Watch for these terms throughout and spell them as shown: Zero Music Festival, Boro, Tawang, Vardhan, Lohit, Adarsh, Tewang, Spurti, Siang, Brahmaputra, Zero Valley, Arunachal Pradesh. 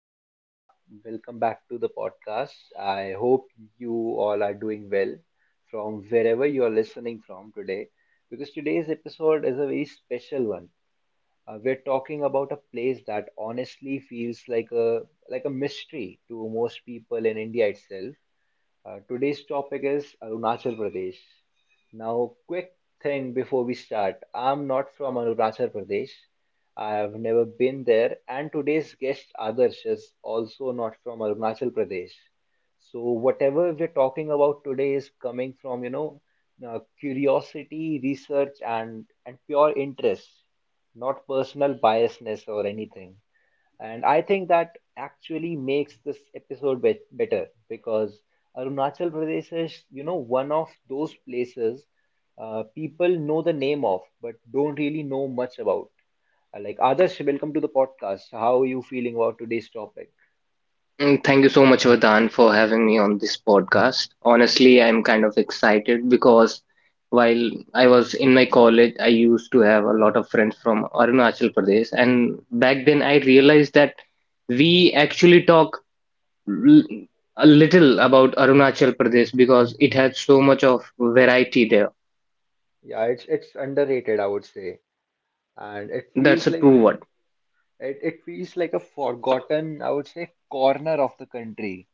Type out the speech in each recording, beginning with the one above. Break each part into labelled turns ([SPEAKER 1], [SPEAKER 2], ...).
[SPEAKER 1] and welcome back. Welcome back to the podcast. I hope you all are doing well from wherever you are listening from today, because today's episode is a very special one. We're talking about a place that honestly feels like a mystery to most people in India itself. Today's topic is Arunachal Pradesh. Now, quick thing before we start. I'm not from Arunachal Pradesh. I have never been there, and today's guest Adarsh is also not from Arunachal Pradesh. So, whatever we're talking about today is coming from, you know, curiosity, research, and pure interest, not personal biasness or anything. And I think that actually makes this episode better because Arunachal Pradesh is, you know, one of those places people know the name of but don't really know much about. Like Adarsh, welcome to the podcast. How are you feeling about today's topic?
[SPEAKER 2] Thank you so much, Vardhan, for having me on this podcast. Honestly, I'm kind of excited because while I was in my college, I used to have a lot of friends from Arunachal Pradesh, and back then I realized that we actually talk l- a little about Arunachal Pradesh because it has so much of variety there.
[SPEAKER 1] Yeah, it's underrated, I would say, and
[SPEAKER 2] Yeah,
[SPEAKER 1] it
[SPEAKER 2] that's
[SPEAKER 1] feels
[SPEAKER 2] a
[SPEAKER 1] like a-
[SPEAKER 2] true word.
[SPEAKER 1] it, it feels like a forgotten, I would say, corner of the country.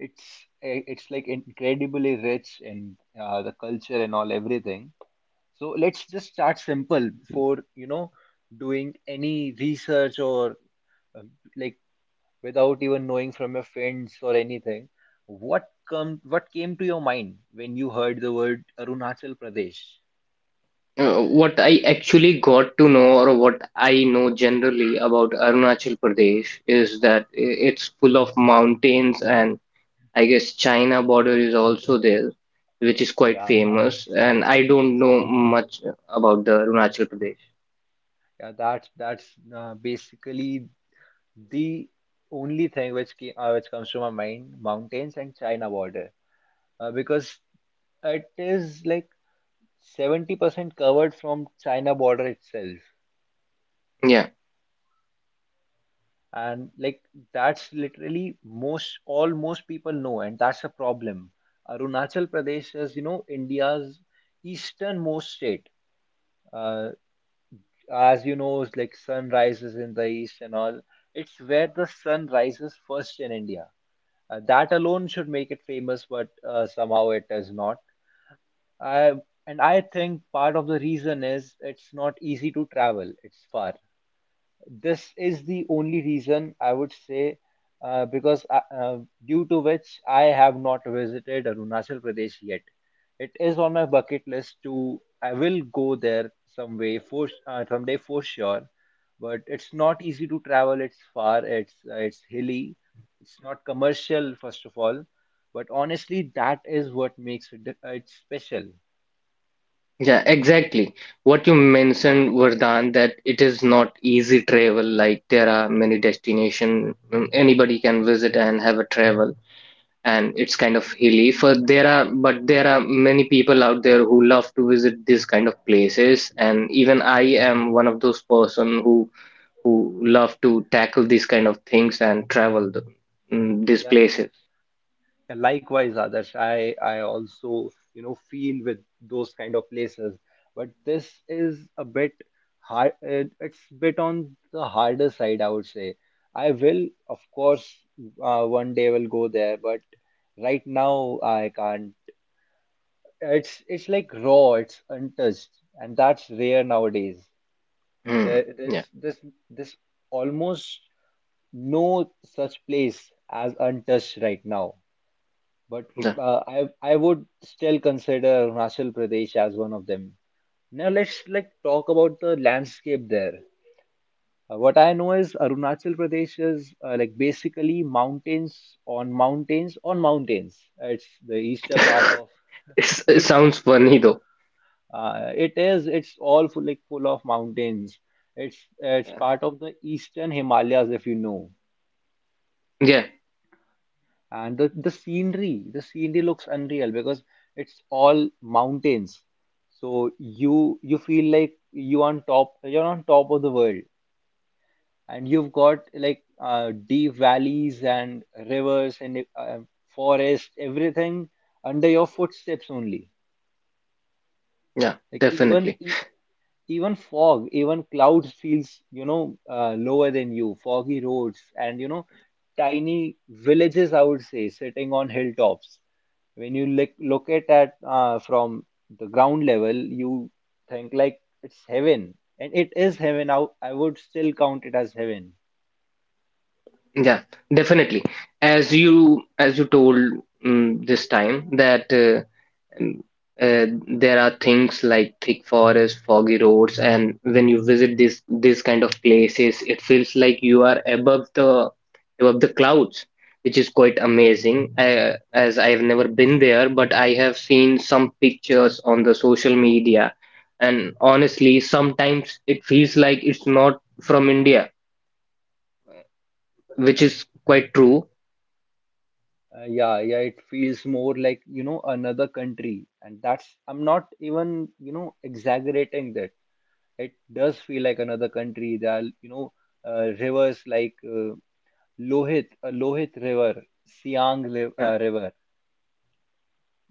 [SPEAKER 1] It's it's like incredibly rich in, the culture and all everything. So let's just start simple before, you know, doing any research or uh, like without even knowing from your friends or anything. What come what came to your mind when you heard the word Arunachal Pradesh?
[SPEAKER 2] What I actually got to know, or what I know generally about Arunachal Pradesh, is that it's full of mountains, and I guess China border is also there, which is quite
[SPEAKER 1] Yeah, that's
[SPEAKER 2] famous. And I don't know much about the Arunachal Pradesh.
[SPEAKER 1] yeah, that's basically the only thing which which comes to my mind, mountains and China border, because it is like 70% covered from China border itself.
[SPEAKER 2] Yeah,
[SPEAKER 1] And like that's literally most people know, and that's a problem. Arunachal Pradesh is, you know, India's easternmost state. uh, as you know, it's like sun rises in the east and all. It's where the sun rises first in India. That alone should make it famous, but somehow it is not. I, and I think part of the reason is it's not easy to travel, it's far. This is the only reason I would say, uh, because I, uh, due to which I have not visited Arunachal Pradesh yet. It is on my bucket list. To I will go there some way for, someday for sure. But it's not easy to travel. It's far. It's hilly. It's not commercial first of all. But honestly, that is what makes it special.
[SPEAKER 2] yeah, exactly. What you mentioned, Vardhan, that it is not easy travel. Like there are many destination, anybody can visit and have a travel. And it's kind of hilly for there are many people out there who love to visit these kind of places, and even I am one of those person who love to tackle these kind of things and travel these
[SPEAKER 1] Yeah.
[SPEAKER 2] places.
[SPEAKER 1] And likewise, Adarsh, I also, you know, feel with those kind of places. But this is a bit hard, it's bit on the harder side, I would say. I will, of course, one day will go there, but right now I can't. It's like raw, it's untouched, and that's rare nowadays.
[SPEAKER 2] Hmm,
[SPEAKER 1] There,
[SPEAKER 2] yeah,
[SPEAKER 1] there's this this almost no such place as untouched right now. But
[SPEAKER 2] that
[SPEAKER 1] I would still consider Himachal Pradesh as one of them. Now let's like talk about the landscape there. What I know is Arunachal Pradesh is, like basically mountains on mountains on mountains. It's the eastern part of
[SPEAKER 2] it's, it
[SPEAKER 1] it's
[SPEAKER 2] sounds funny though.
[SPEAKER 1] it's all full, like full of mountains. It's part of the Eastern Himalayas, if you know.
[SPEAKER 2] Yeah,
[SPEAKER 1] And the scenery looks unreal because it's all mountains, so you feel like you're on top of the world, and you've got like, deep valleys and rivers and, forest, everything under your footsteps only.
[SPEAKER 2] yeah,
[SPEAKER 1] like even
[SPEAKER 2] definitely.
[SPEAKER 1] e- Even fog, even cloud feels, you know, lower than you. Foggy roads and, you know, tiny villages, I would say, sitting on hilltops. When you look at that, from the ground level, you think like it's heaven. And it is heaven. I would still count it as heaven.
[SPEAKER 2] Yeah, definitely. As you told, this time that Uh, there are things like thick forests, foggy roads, and when you visit this kind of places, it feels like you are above the clouds, which is quite amazing. I, as I have never been there, but I have seen some pictures on the social media, and honestly, sometimes it feels like it's not from India, which is quite true.
[SPEAKER 1] Yeah, yeah, it feels more like, you know, another country. And that's, I'm not even, you know, exaggerating that. It does feel like another country. There are, you know, rivers like, Lohit River, Siang Riv-
[SPEAKER 2] Yeah,
[SPEAKER 1] uh, River.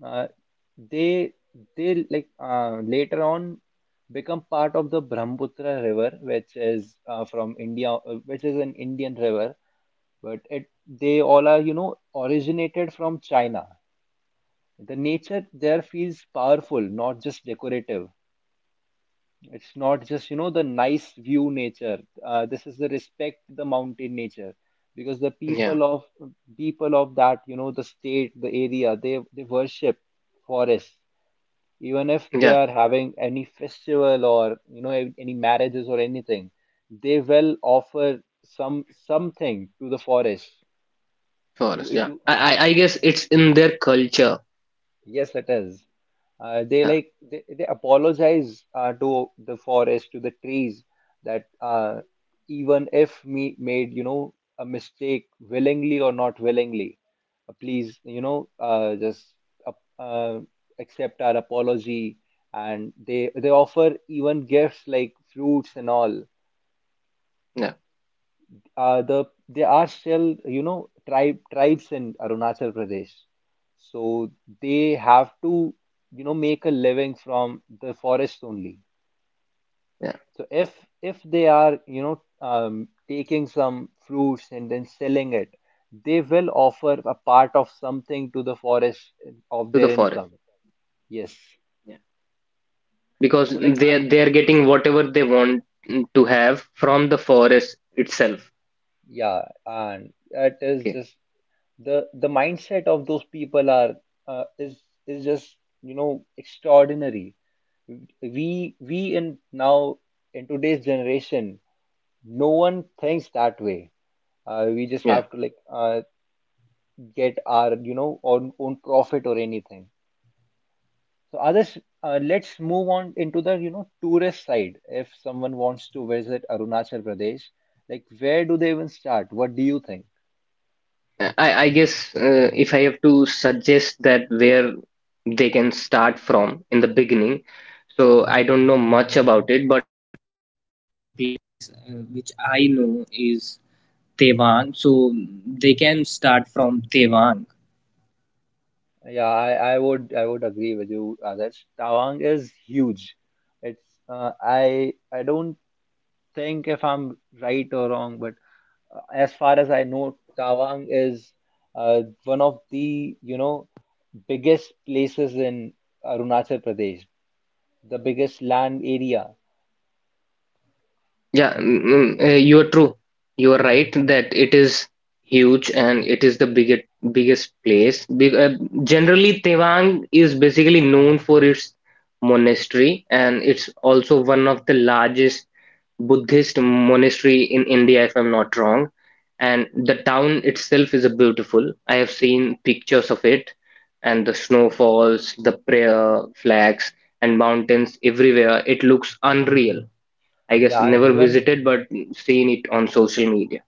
[SPEAKER 1] Uh, they they like, later on become part of the Brahmaputra River, which is, from India, which is an Indian river, but it they all are, you know, originated from China. The nature there feels powerful, not just decorative. It's not just, you know, the nice view nature. This is the respect, the mountain nature, because the
[SPEAKER 2] yeah,
[SPEAKER 1] people of that, you know, the state, the area, they worship forests. Even if they
[SPEAKER 2] yeah,
[SPEAKER 1] are having any festival or, you know, any marriages or anything, they will offer something to the forest. To
[SPEAKER 2] forest. Yeah,
[SPEAKER 1] to
[SPEAKER 2] I
[SPEAKER 1] to
[SPEAKER 2] guess it's in their culture.
[SPEAKER 1] Yes, it is. Uh, they
[SPEAKER 2] Yeah,
[SPEAKER 1] like they, they apologize, to the forest, to the trees, that, even if me made, you know, a mistake willingly or not willingly, please, you know, just uh, uh, accept our apology. And they offer even gifts like fruits and all.
[SPEAKER 2] yeah.
[SPEAKER 1] There are still, you know, tribes in Arunachal Pradesh, so they have to, you know, make a living from the forest only.
[SPEAKER 2] Yeah.
[SPEAKER 1] So if they are, you know, taking some fruits and then selling it, they will offer a part of something to the forest of
[SPEAKER 2] To the
[SPEAKER 1] their
[SPEAKER 2] forest.
[SPEAKER 1] income. Yes.
[SPEAKER 2] Yeah.
[SPEAKER 1] So
[SPEAKER 2] Because
[SPEAKER 1] like,
[SPEAKER 2] they are getting whatever they want to have from the forest itself.
[SPEAKER 1] yeah, and it is
[SPEAKER 2] Okay.
[SPEAKER 1] just the mindset of those people are uh, is is just, you know, extraordinary. We in now In today's generation no one thinks that way. We just
[SPEAKER 2] Yeah.
[SPEAKER 1] have to like, get our, you know, own profit or anything, so others. Let's move on into the, you know, tourist side. If someone wants to visit Arunachal Pradesh, like where do they even start? What do you think?
[SPEAKER 2] I guess if I have to suggest that where they can start from in the beginning, so I don't know much.
[SPEAKER 1] Yeah, I would agree with you, Adarsh. Tawang is huge. It's, I don't think if I'm right or wrong, but, as far as I know, Tawang is, one of the, you know, biggest places in Arunachal Pradesh, the biggest land area.
[SPEAKER 2] Yeah, you are true. You are right that it is huge and it is the biggest place. Generally, Tewang is basically known for its monastery, and it's also one of the largest Buddhist monastery in India, if I'm not wrong. And the town itself is a beautiful. I have seen pictures of it, and the snowfalls, the prayer flags, and mountains everywhere. It looks unreal. I guess
[SPEAKER 1] Yeah, I-
[SPEAKER 2] never
[SPEAKER 1] even
[SPEAKER 2] visited, but seen it on social media.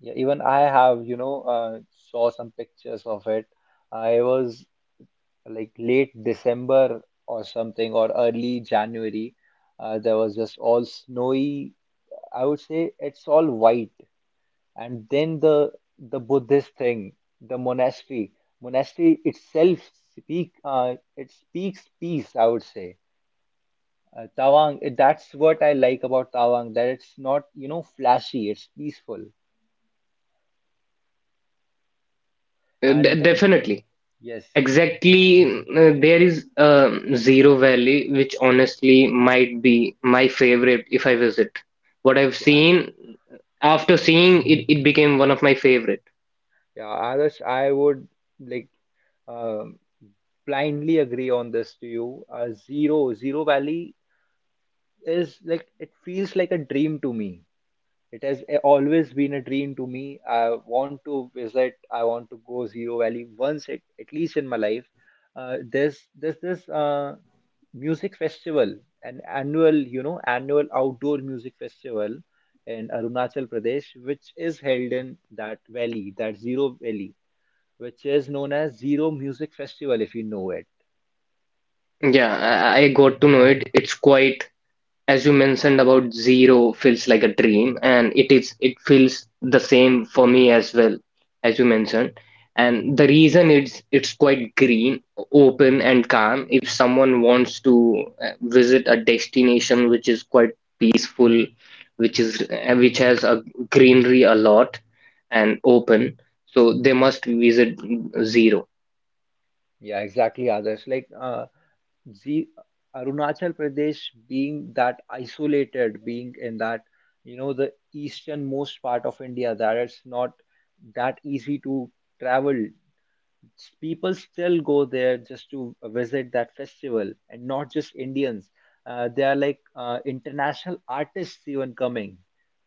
[SPEAKER 1] yeah, even I have, you know, saw some pictures of it. I was like late December or something, or early January. There was just all snowy. I would say it's all white. And then the Buddhist thing, the monastery itself speak it speaks peace, I would say. That's what I like about Tawang, that it's not, you know, flashy, it's peaceful. And then,
[SPEAKER 2] Definitely.
[SPEAKER 1] yes,
[SPEAKER 2] Exactly, there is Zero Valley, which honestly might be my favorite if I visit. What I've
[SPEAKER 1] yeah,
[SPEAKER 2] seen, after seeing it, it became one of my favorite.
[SPEAKER 1] yeah, others, I would like, um, blindly agree on this to you. Zero Valley is like it feels like a dream to me. It has always been a dream to me. I want to visit. I want to go Zero Valley once, at least in my life. There's this, music festival, an annual, you know, annual outdoor music festival in Arunachal Pradesh, which is held in that valley, that Zero Valley, which is known as Zero Music Festival, if you know it.
[SPEAKER 2] Yeah, I got to know it. It's quite, as you mentioned about zero feels like a dream, and it is, it feels the same for me as well, as you mentioned. And the reason, it's quite green, open and calm. If someone wants to uh, visit a destination which is quite peaceful, which is which has a greenery a lot and open, so they must visit zero.
[SPEAKER 1] Yeah, exactly, others. Like, the Arunachal Pradesh being that isolated, being in that, you know, the easternmost part of India, that it's not that easy to travel. People still go there just to visit that festival, and not just Indians. They are like, international artists even coming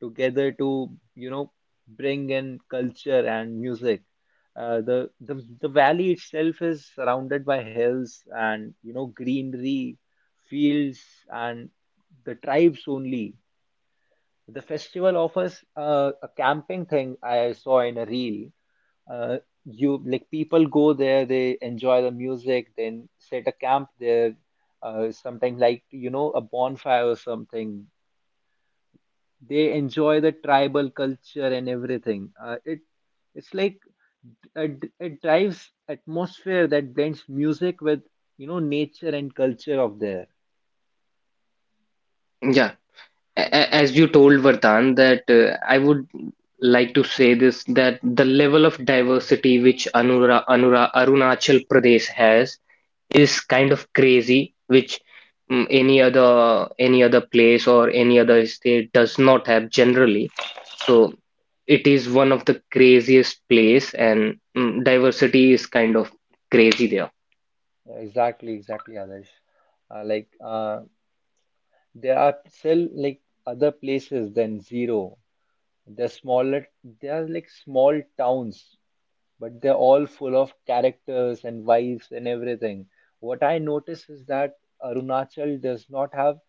[SPEAKER 1] together to, you know, bring in culture and music. Uh, the, the the valley itself is surrounded by hills, and, you know, greenery, fields, and the tribes only. The festival offers, a camping thing I saw in a reel. uh, you like people go there, they enjoy the music, then set a camp there. Sometimes like, you know, a bonfire or something. They enjoy the tribal culture and everything. Uh, it it's like it, it drives atmosphere that blends music with, you know, nature and culture of there.
[SPEAKER 2] Yeah. As you told, Vardhan, that I would like to say this that the level of diversity which Arunachal Pradesh has is kind of crazy, which, any other place or any other state does not have generally. So it is one of the craziest place, and, diversity is kind of crazy there.
[SPEAKER 1] Exactly, others. uh, like uh, there are still like other places than Zero. They're smaller. They are like small towns, but they're all full of characters and wives and everything. What I notice is that Arunachal does not have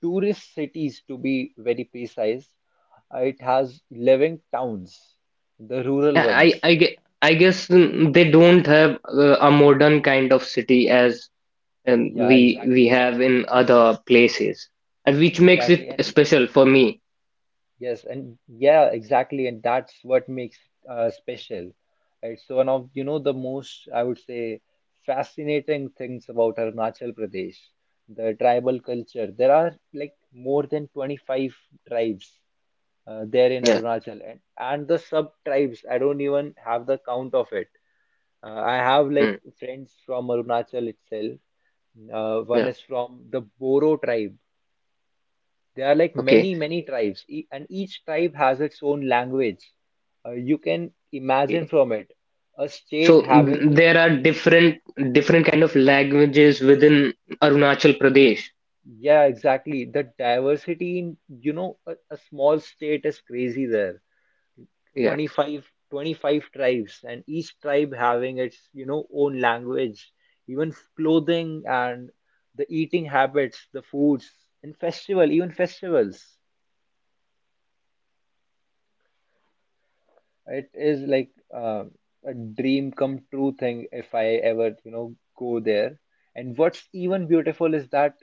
[SPEAKER 1] tourist cities, to be very precise. It has living towns, the rural
[SPEAKER 2] I
[SPEAKER 1] ones.
[SPEAKER 2] I, I, gue- I guess, they don't have a modern kind of city as. And
[SPEAKER 1] Yeah,
[SPEAKER 2] we we
[SPEAKER 1] exactly.
[SPEAKER 2] have
[SPEAKER 1] And
[SPEAKER 2] in other places, and which makes it
[SPEAKER 1] exactly. And
[SPEAKER 2] special for me.
[SPEAKER 1] yes, and yeah, exactly, and that's what makes it, special. It's one of, you know, the most, I would say, fascinating things about Arunachal Pradesh, the tribal culture. There are like more than 25 tribes, there in
[SPEAKER 2] Yeah,
[SPEAKER 1] Arunachal, and, the sub-tribes, I don't even have the count of it. I have like
[SPEAKER 2] mm,
[SPEAKER 1] friends from Arunachal itself. One
[SPEAKER 2] yeah.
[SPEAKER 1] is from the Boro tribe. There are like
[SPEAKER 2] Okay.
[SPEAKER 1] many, many tribes, and each tribe has its own language. You can imagine
[SPEAKER 2] Okay.
[SPEAKER 1] from it a state
[SPEAKER 2] So,
[SPEAKER 1] having,
[SPEAKER 2] there are different different kind of languages within Arunachal Pradesh.
[SPEAKER 1] yeah, exactly. The diversity in, you know, a small state is crazy there.
[SPEAKER 2] Yeah.
[SPEAKER 1] Twenty five tribes, and each tribe having its, own language, even clothing and the eating habits, the foods, and festival, even festivals. It is like a dream come true thing if I ever, go there. And what's even beautiful is that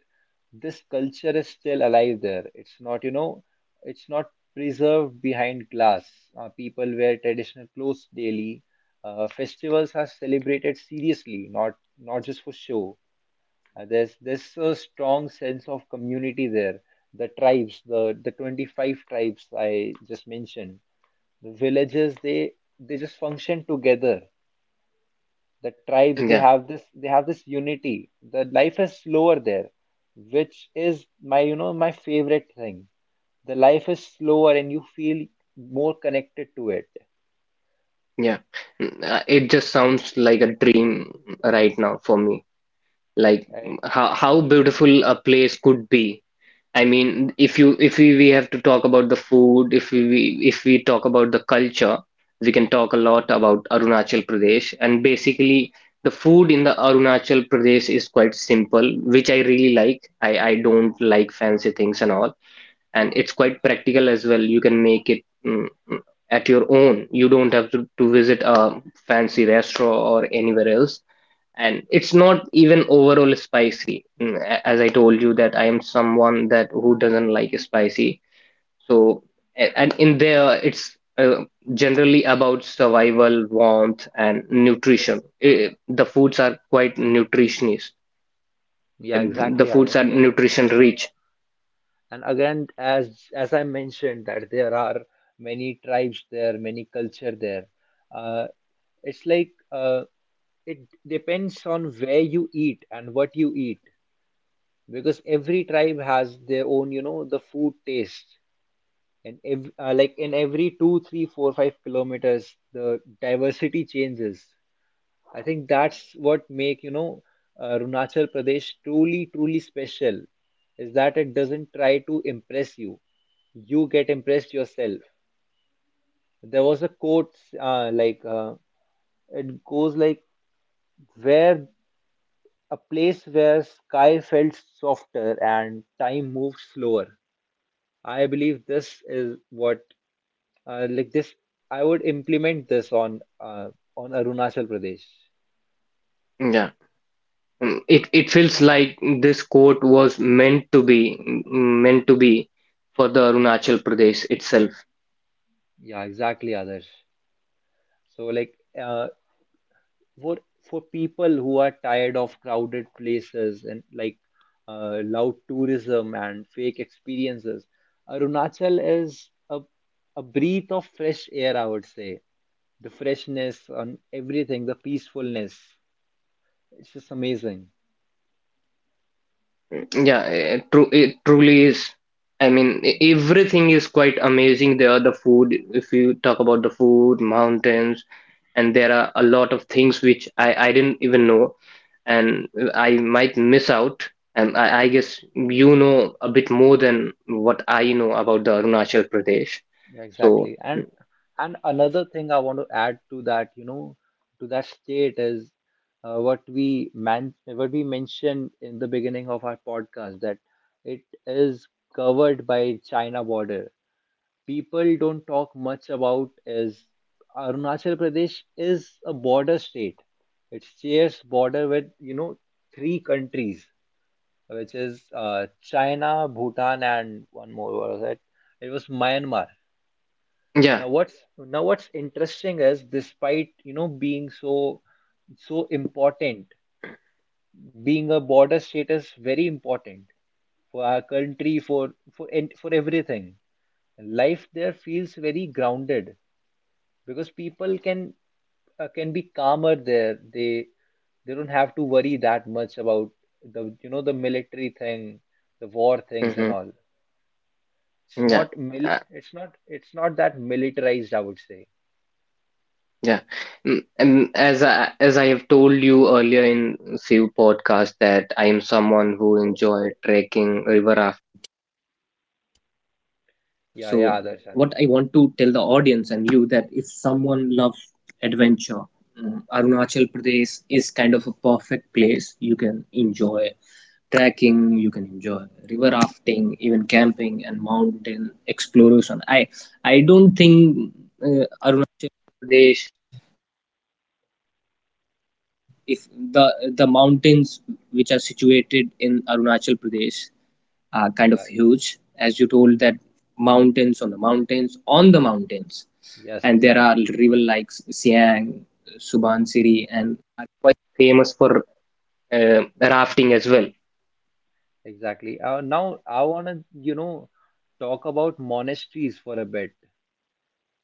[SPEAKER 1] this culture is still alive there. It's not preserved behind glass. People wear traditional clothes daily. Festivals are celebrated seriously, not just for show. There's a strong sense of community there. The tribes, the 25 tribes I just mentioned, the villages, they just function together. The tribes, they
[SPEAKER 2] Yeah.
[SPEAKER 1] have this they have this unity. The life is slower there, which is my my favorite thing. The life is slower and you feel more connected to it.
[SPEAKER 2] Yeah. It just sounds like a dream right now for me, like,
[SPEAKER 1] Right.
[SPEAKER 2] how beautiful a place could be. I mean, if you if we, we have to talk about the food, if we talk about the culture, we can talk a lot about Arunachal Pradesh. And basically, the food in the Arunachal Pradesh is quite simple, which I really like. I don't like fancy things and all, and it's quite practical as well. You can make it, at your own. You don't have to visit a fancy restaurant or anywhere else, and it's not even overall spicy. As I told you that I am someone that who doesn't like spicy, so and in there it's, uh, generally about survival warmth and nutrition. The foods are quite nutritious.
[SPEAKER 1] Yeah,
[SPEAKER 2] Eh, the
[SPEAKER 1] exactly,
[SPEAKER 2] foods
[SPEAKER 1] others.
[SPEAKER 2] are
[SPEAKER 1] Like,
[SPEAKER 2] nutrition rich.
[SPEAKER 1] and again, as I mentioned, that there are many tribes there, many culture there. uh, it's like, it depends on where you eat and what you eat, because every tribe has their own, the food taste. And like in every 2, 3, 4, 5 kilometers the diversity changes. I think that's what make, runachal pradesh truly truly special, is that it doesn't try to impress you. You get impressed yourself. There was a quote, uh, like uh, it goes like, where, a place where sky felt softer and time moved slower. I believe this is what, like this I would implement this on Arunachal Pradesh.
[SPEAKER 2] Yeah. It it feels like this court was meant to be, meant to be for the Arunachal Pradesh itself.
[SPEAKER 1] Yeah, exactly, others. So like, uh, for for people who are tired of crowded places and like loud tourism and fake experiences, Arunachal is a breath of fresh air, I would say. The freshness on everything, the peacefulness. It's just amazing.
[SPEAKER 2] Yeah, true. It truly is. I mean, everything is quite amazing there. The food, if you talk about the food, mountains, and there are a lot of things which I didn't even know, and I might miss out. And I guess you know a bit more than what I know about the Arunachal Pradesh.
[SPEAKER 1] Yeah,
[SPEAKER 2] So
[SPEAKER 1] exactly. And another thing I want to add to that, you know, to that state is, what we mentioned in the beginning of our podcast, that it is covered by China border. People don't talk much about is Arunachal Pradesh is a border state. It shares border with, you know, three countries, which is China, Bhutan, and one more, what was it? It was Myanmar.
[SPEAKER 2] yeah,
[SPEAKER 1] Now what's, now what's interesting is, despite, you know, being so so important, being a border state is very important for our country, for everything. Life there feels very grounded because people can, can be calmer there. They don't have to worry that much about the, the military thing, the war things and
[SPEAKER 2] hmm,
[SPEAKER 1] all. It's
[SPEAKER 2] yeah.
[SPEAKER 1] not mili-
[SPEAKER 2] Uh,
[SPEAKER 1] it's not it's not that militarized, I would say.
[SPEAKER 2] Yeah. And as I have told you earlier in few podcasts that I am someone who enjoy trekking,
[SPEAKER 1] Yeah, yeah, Darshan. Yeah. Yes, exactly. Yeah,
[SPEAKER 2] rafting as well.
[SPEAKER 1] exactly. Now I want to, you know, talk about monasteries for a bit.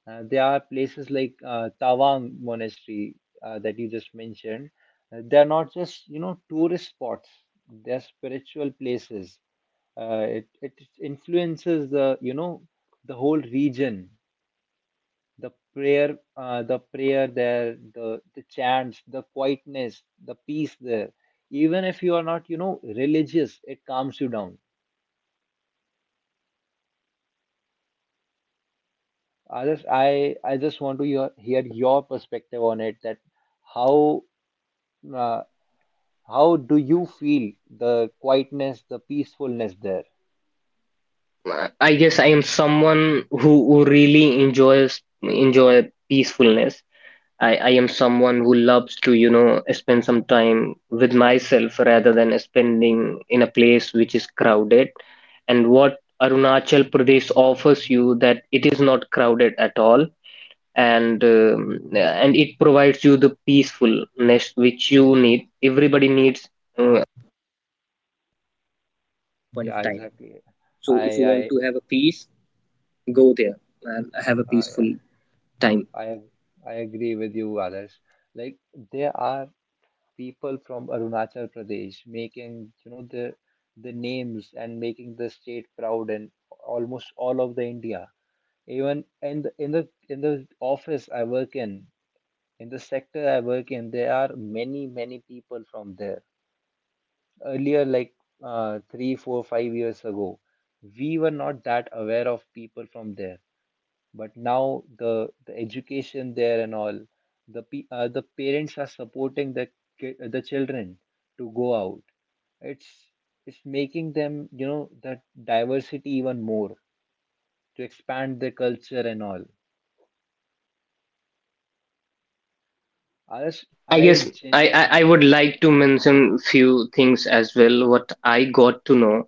[SPEAKER 1] There are places like Tawang Monastery, that you just mentioned. They're not just, you know, tourist spots. They're spiritual places. It influences the, you know, the whole region. The prayer there, the chants, the quietness, the peace there, even if you are not, you know, religious, it calms you down. I just want to hear your perspective on it, that how, uh, how do you feel the quietness, the peacefulness there.
[SPEAKER 2] I guess I am someone who really enjoy peacefulness. I am someone who loves to, you know, spend some time with myself rather than spending in a place which is crowded. And what Arunachal Pradesh offers you that it is not crowded at all, and it provides you the peacefulness which you need. Everybody needs.
[SPEAKER 1] Yeah, exactly. I i i i, I agree with you, others. Like, there are people from Arunachal Pradesh, making, you know, the names and making the state proud and almost all of the India. Even in the in the office I work in the sector I work in, there are many people from there. Earlier, like 3, 4, 5 years ago, we were not that aware of people from there. But now, the education there and all, the parents are supporting the, the children, to go out. It's it's making them, you know, that diversity even more, to expand their culture and all. Others,
[SPEAKER 2] I guess I, I, I would like to mention few things as well. What I got to know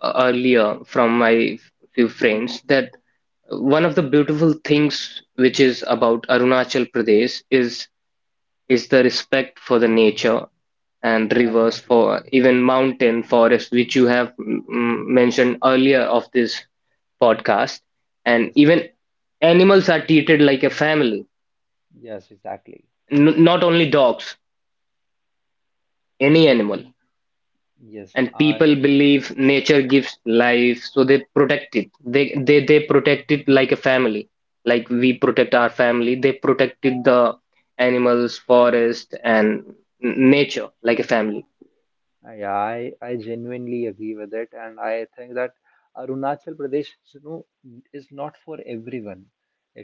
[SPEAKER 2] earlier from my few friends that one of the beautiful things which is about Arunachal Pradesh is the respect for the nature and
[SPEAKER 1] yeah,
[SPEAKER 2] rivers
[SPEAKER 1] exactly.
[SPEAKER 2] for even mountain forest which you have mentioned earlier of this podcast, and
[SPEAKER 1] Yes.
[SPEAKER 2] even animals are treated like a family.
[SPEAKER 1] Yes, exactly.
[SPEAKER 2] Not only dogs, any animal,
[SPEAKER 1] Yes.
[SPEAKER 2] and people believe nature gives life, so they protect it. They protect it like a family. Like we protect our family, they protected the animals forest and nature like a family.
[SPEAKER 1] Yeah, I genuinely agree with it, and I think that Arunachal Pradesh, you know, is not for everyone.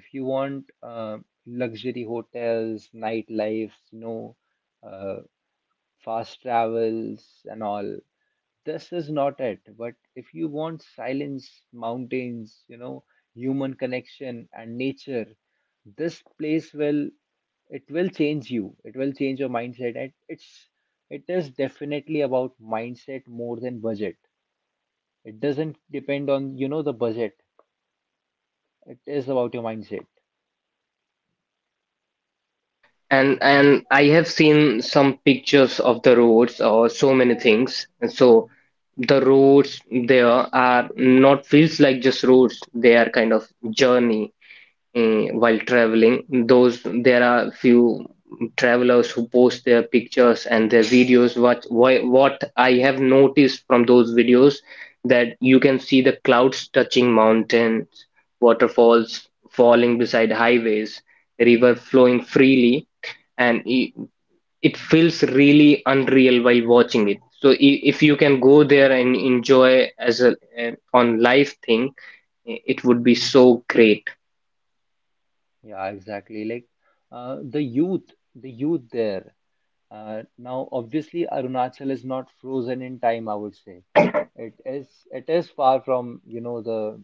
[SPEAKER 1] If you want, luxury hotels, nightlife, uh, fast travels and all, this is not it. But if you want silence, mountains, you know, human connection and nature, this place will change you. It will change your mindset. And it is definitely about mindset more than budget. It doesn't depend on, you know, the budget. It is about your mindset.
[SPEAKER 2] and and I have seen some pictures of the roads or so many things, and so the roads there are not feels like just roads. They are kind of journey, while traveling. Those There are few travelers who post their pictures and their videos. What I have noticed from those videos that you can see the clouds touching mountains, waterfalls falling beside highways, river flowing freely, and it feels really unreal while watching it. So if you can go there and enjoy as a, on live thing, it would be so great.
[SPEAKER 1] Yeah, exactly. Like the youth there. Now, obviously, Arunachal is not frozen in time, I would say. It is far from, you know, the,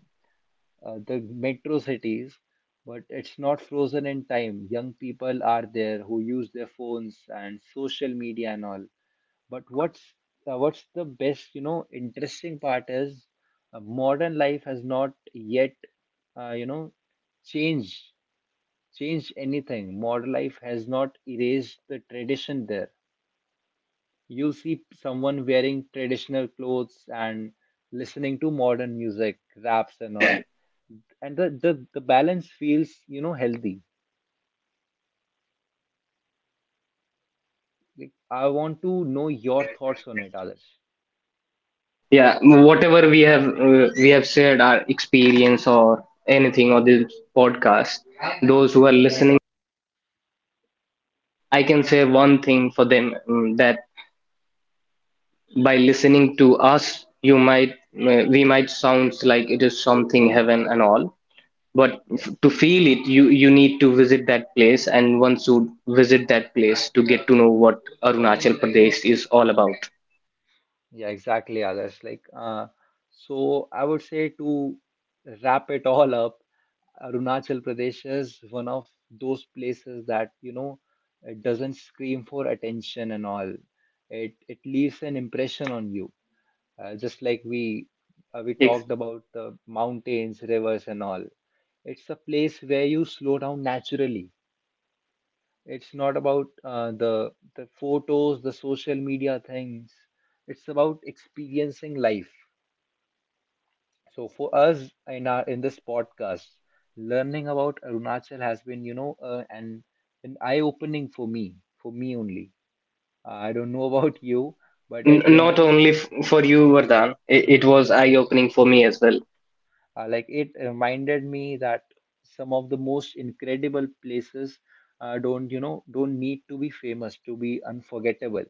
[SPEAKER 1] the metro cities, but it's not frozen in time. Young people are there who use their phones and social media and all. But what's the best, you know, interesting part is, modern life has not yet, uh, you know, changed changed anything. Modern life has not erased the tradition there. You'll see someone wearing traditional clothes and listening to modern music, raps and all. And the balance feels, you know, healthy. Like, I want to know your thoughts on it, Adarsh.
[SPEAKER 2] Yeah, whatever we have shared our experience or anything on this podcast, those who are listening, I can say one thing for them, that by listening to us, you might, we might sound like it is something heaven and all, but
[SPEAKER 1] Yes.
[SPEAKER 2] to feel it, you need to visit that place, and one should visit that place to get to know what Arunachal Pradesh is all about.
[SPEAKER 1] Yeah, exactly, Adarsh. Like so I would say, to wrap it all up, Arunachal Pradesh is one of those places that, you know, it doesn't scream for attention and all. It leaves an impression on you. Just like we
[SPEAKER 2] It's
[SPEAKER 1] talked about the mountains, rivers and all. It's a place where you slow down naturally. It's not about, the photos, the social media things. It's about experiencing life. So for us, in this podcast, learning about Arunachal has been, you know, an eye opening for me, for me only. I don't know about you, but it
[SPEAKER 2] not
[SPEAKER 1] reminded,
[SPEAKER 2] only for you, Vardhan, it was eye opening for me as well.
[SPEAKER 1] It reminded me that some of the most incredible places, don't you know don't need to be famous to be unforgettable.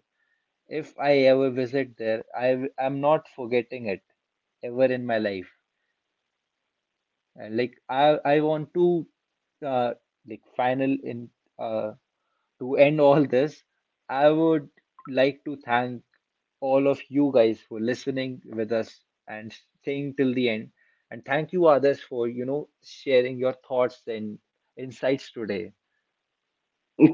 [SPEAKER 1] If I ever visit there, I am not forgetting it ever in my life. And like, I want to, uh, like final in uh, to end all this, I would like to thank all of you guys for listening with us and staying till the end. And thank you, others, for, you know, sharing your thoughts and insights today.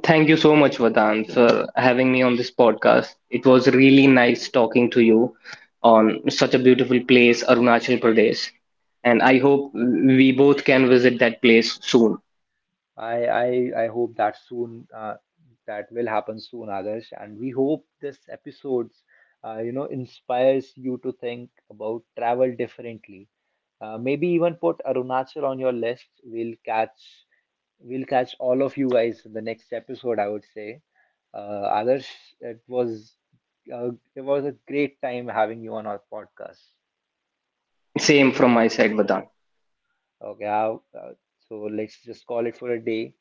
[SPEAKER 2] Thank you so much, Vardhan, for having me on this podcast. It was really nice talking to you on such a beautiful place, Arunachal Pradesh. And I hope we both can visit that place soon.
[SPEAKER 1] I hope that soon that will happen soon, others. And we hope this episodes, inspires you to think about travel differently. Maybe even put Arunachal on your list. We'll catch all of you guys in the next episode, I would say. Adarsh, it was it was a great time having you on our podcast.
[SPEAKER 2] Same from my side, Vardhan.
[SPEAKER 1] Okay, I so let's just call it for a day.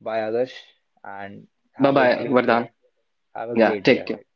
[SPEAKER 1] Bye, Adarsh, and
[SPEAKER 2] Bye
[SPEAKER 1] have a
[SPEAKER 2] bye,
[SPEAKER 1] great day.
[SPEAKER 2] Vardhan.
[SPEAKER 1] Have a
[SPEAKER 2] Yeah,
[SPEAKER 1] great day
[SPEAKER 2] take care.
[SPEAKER 1] ahead.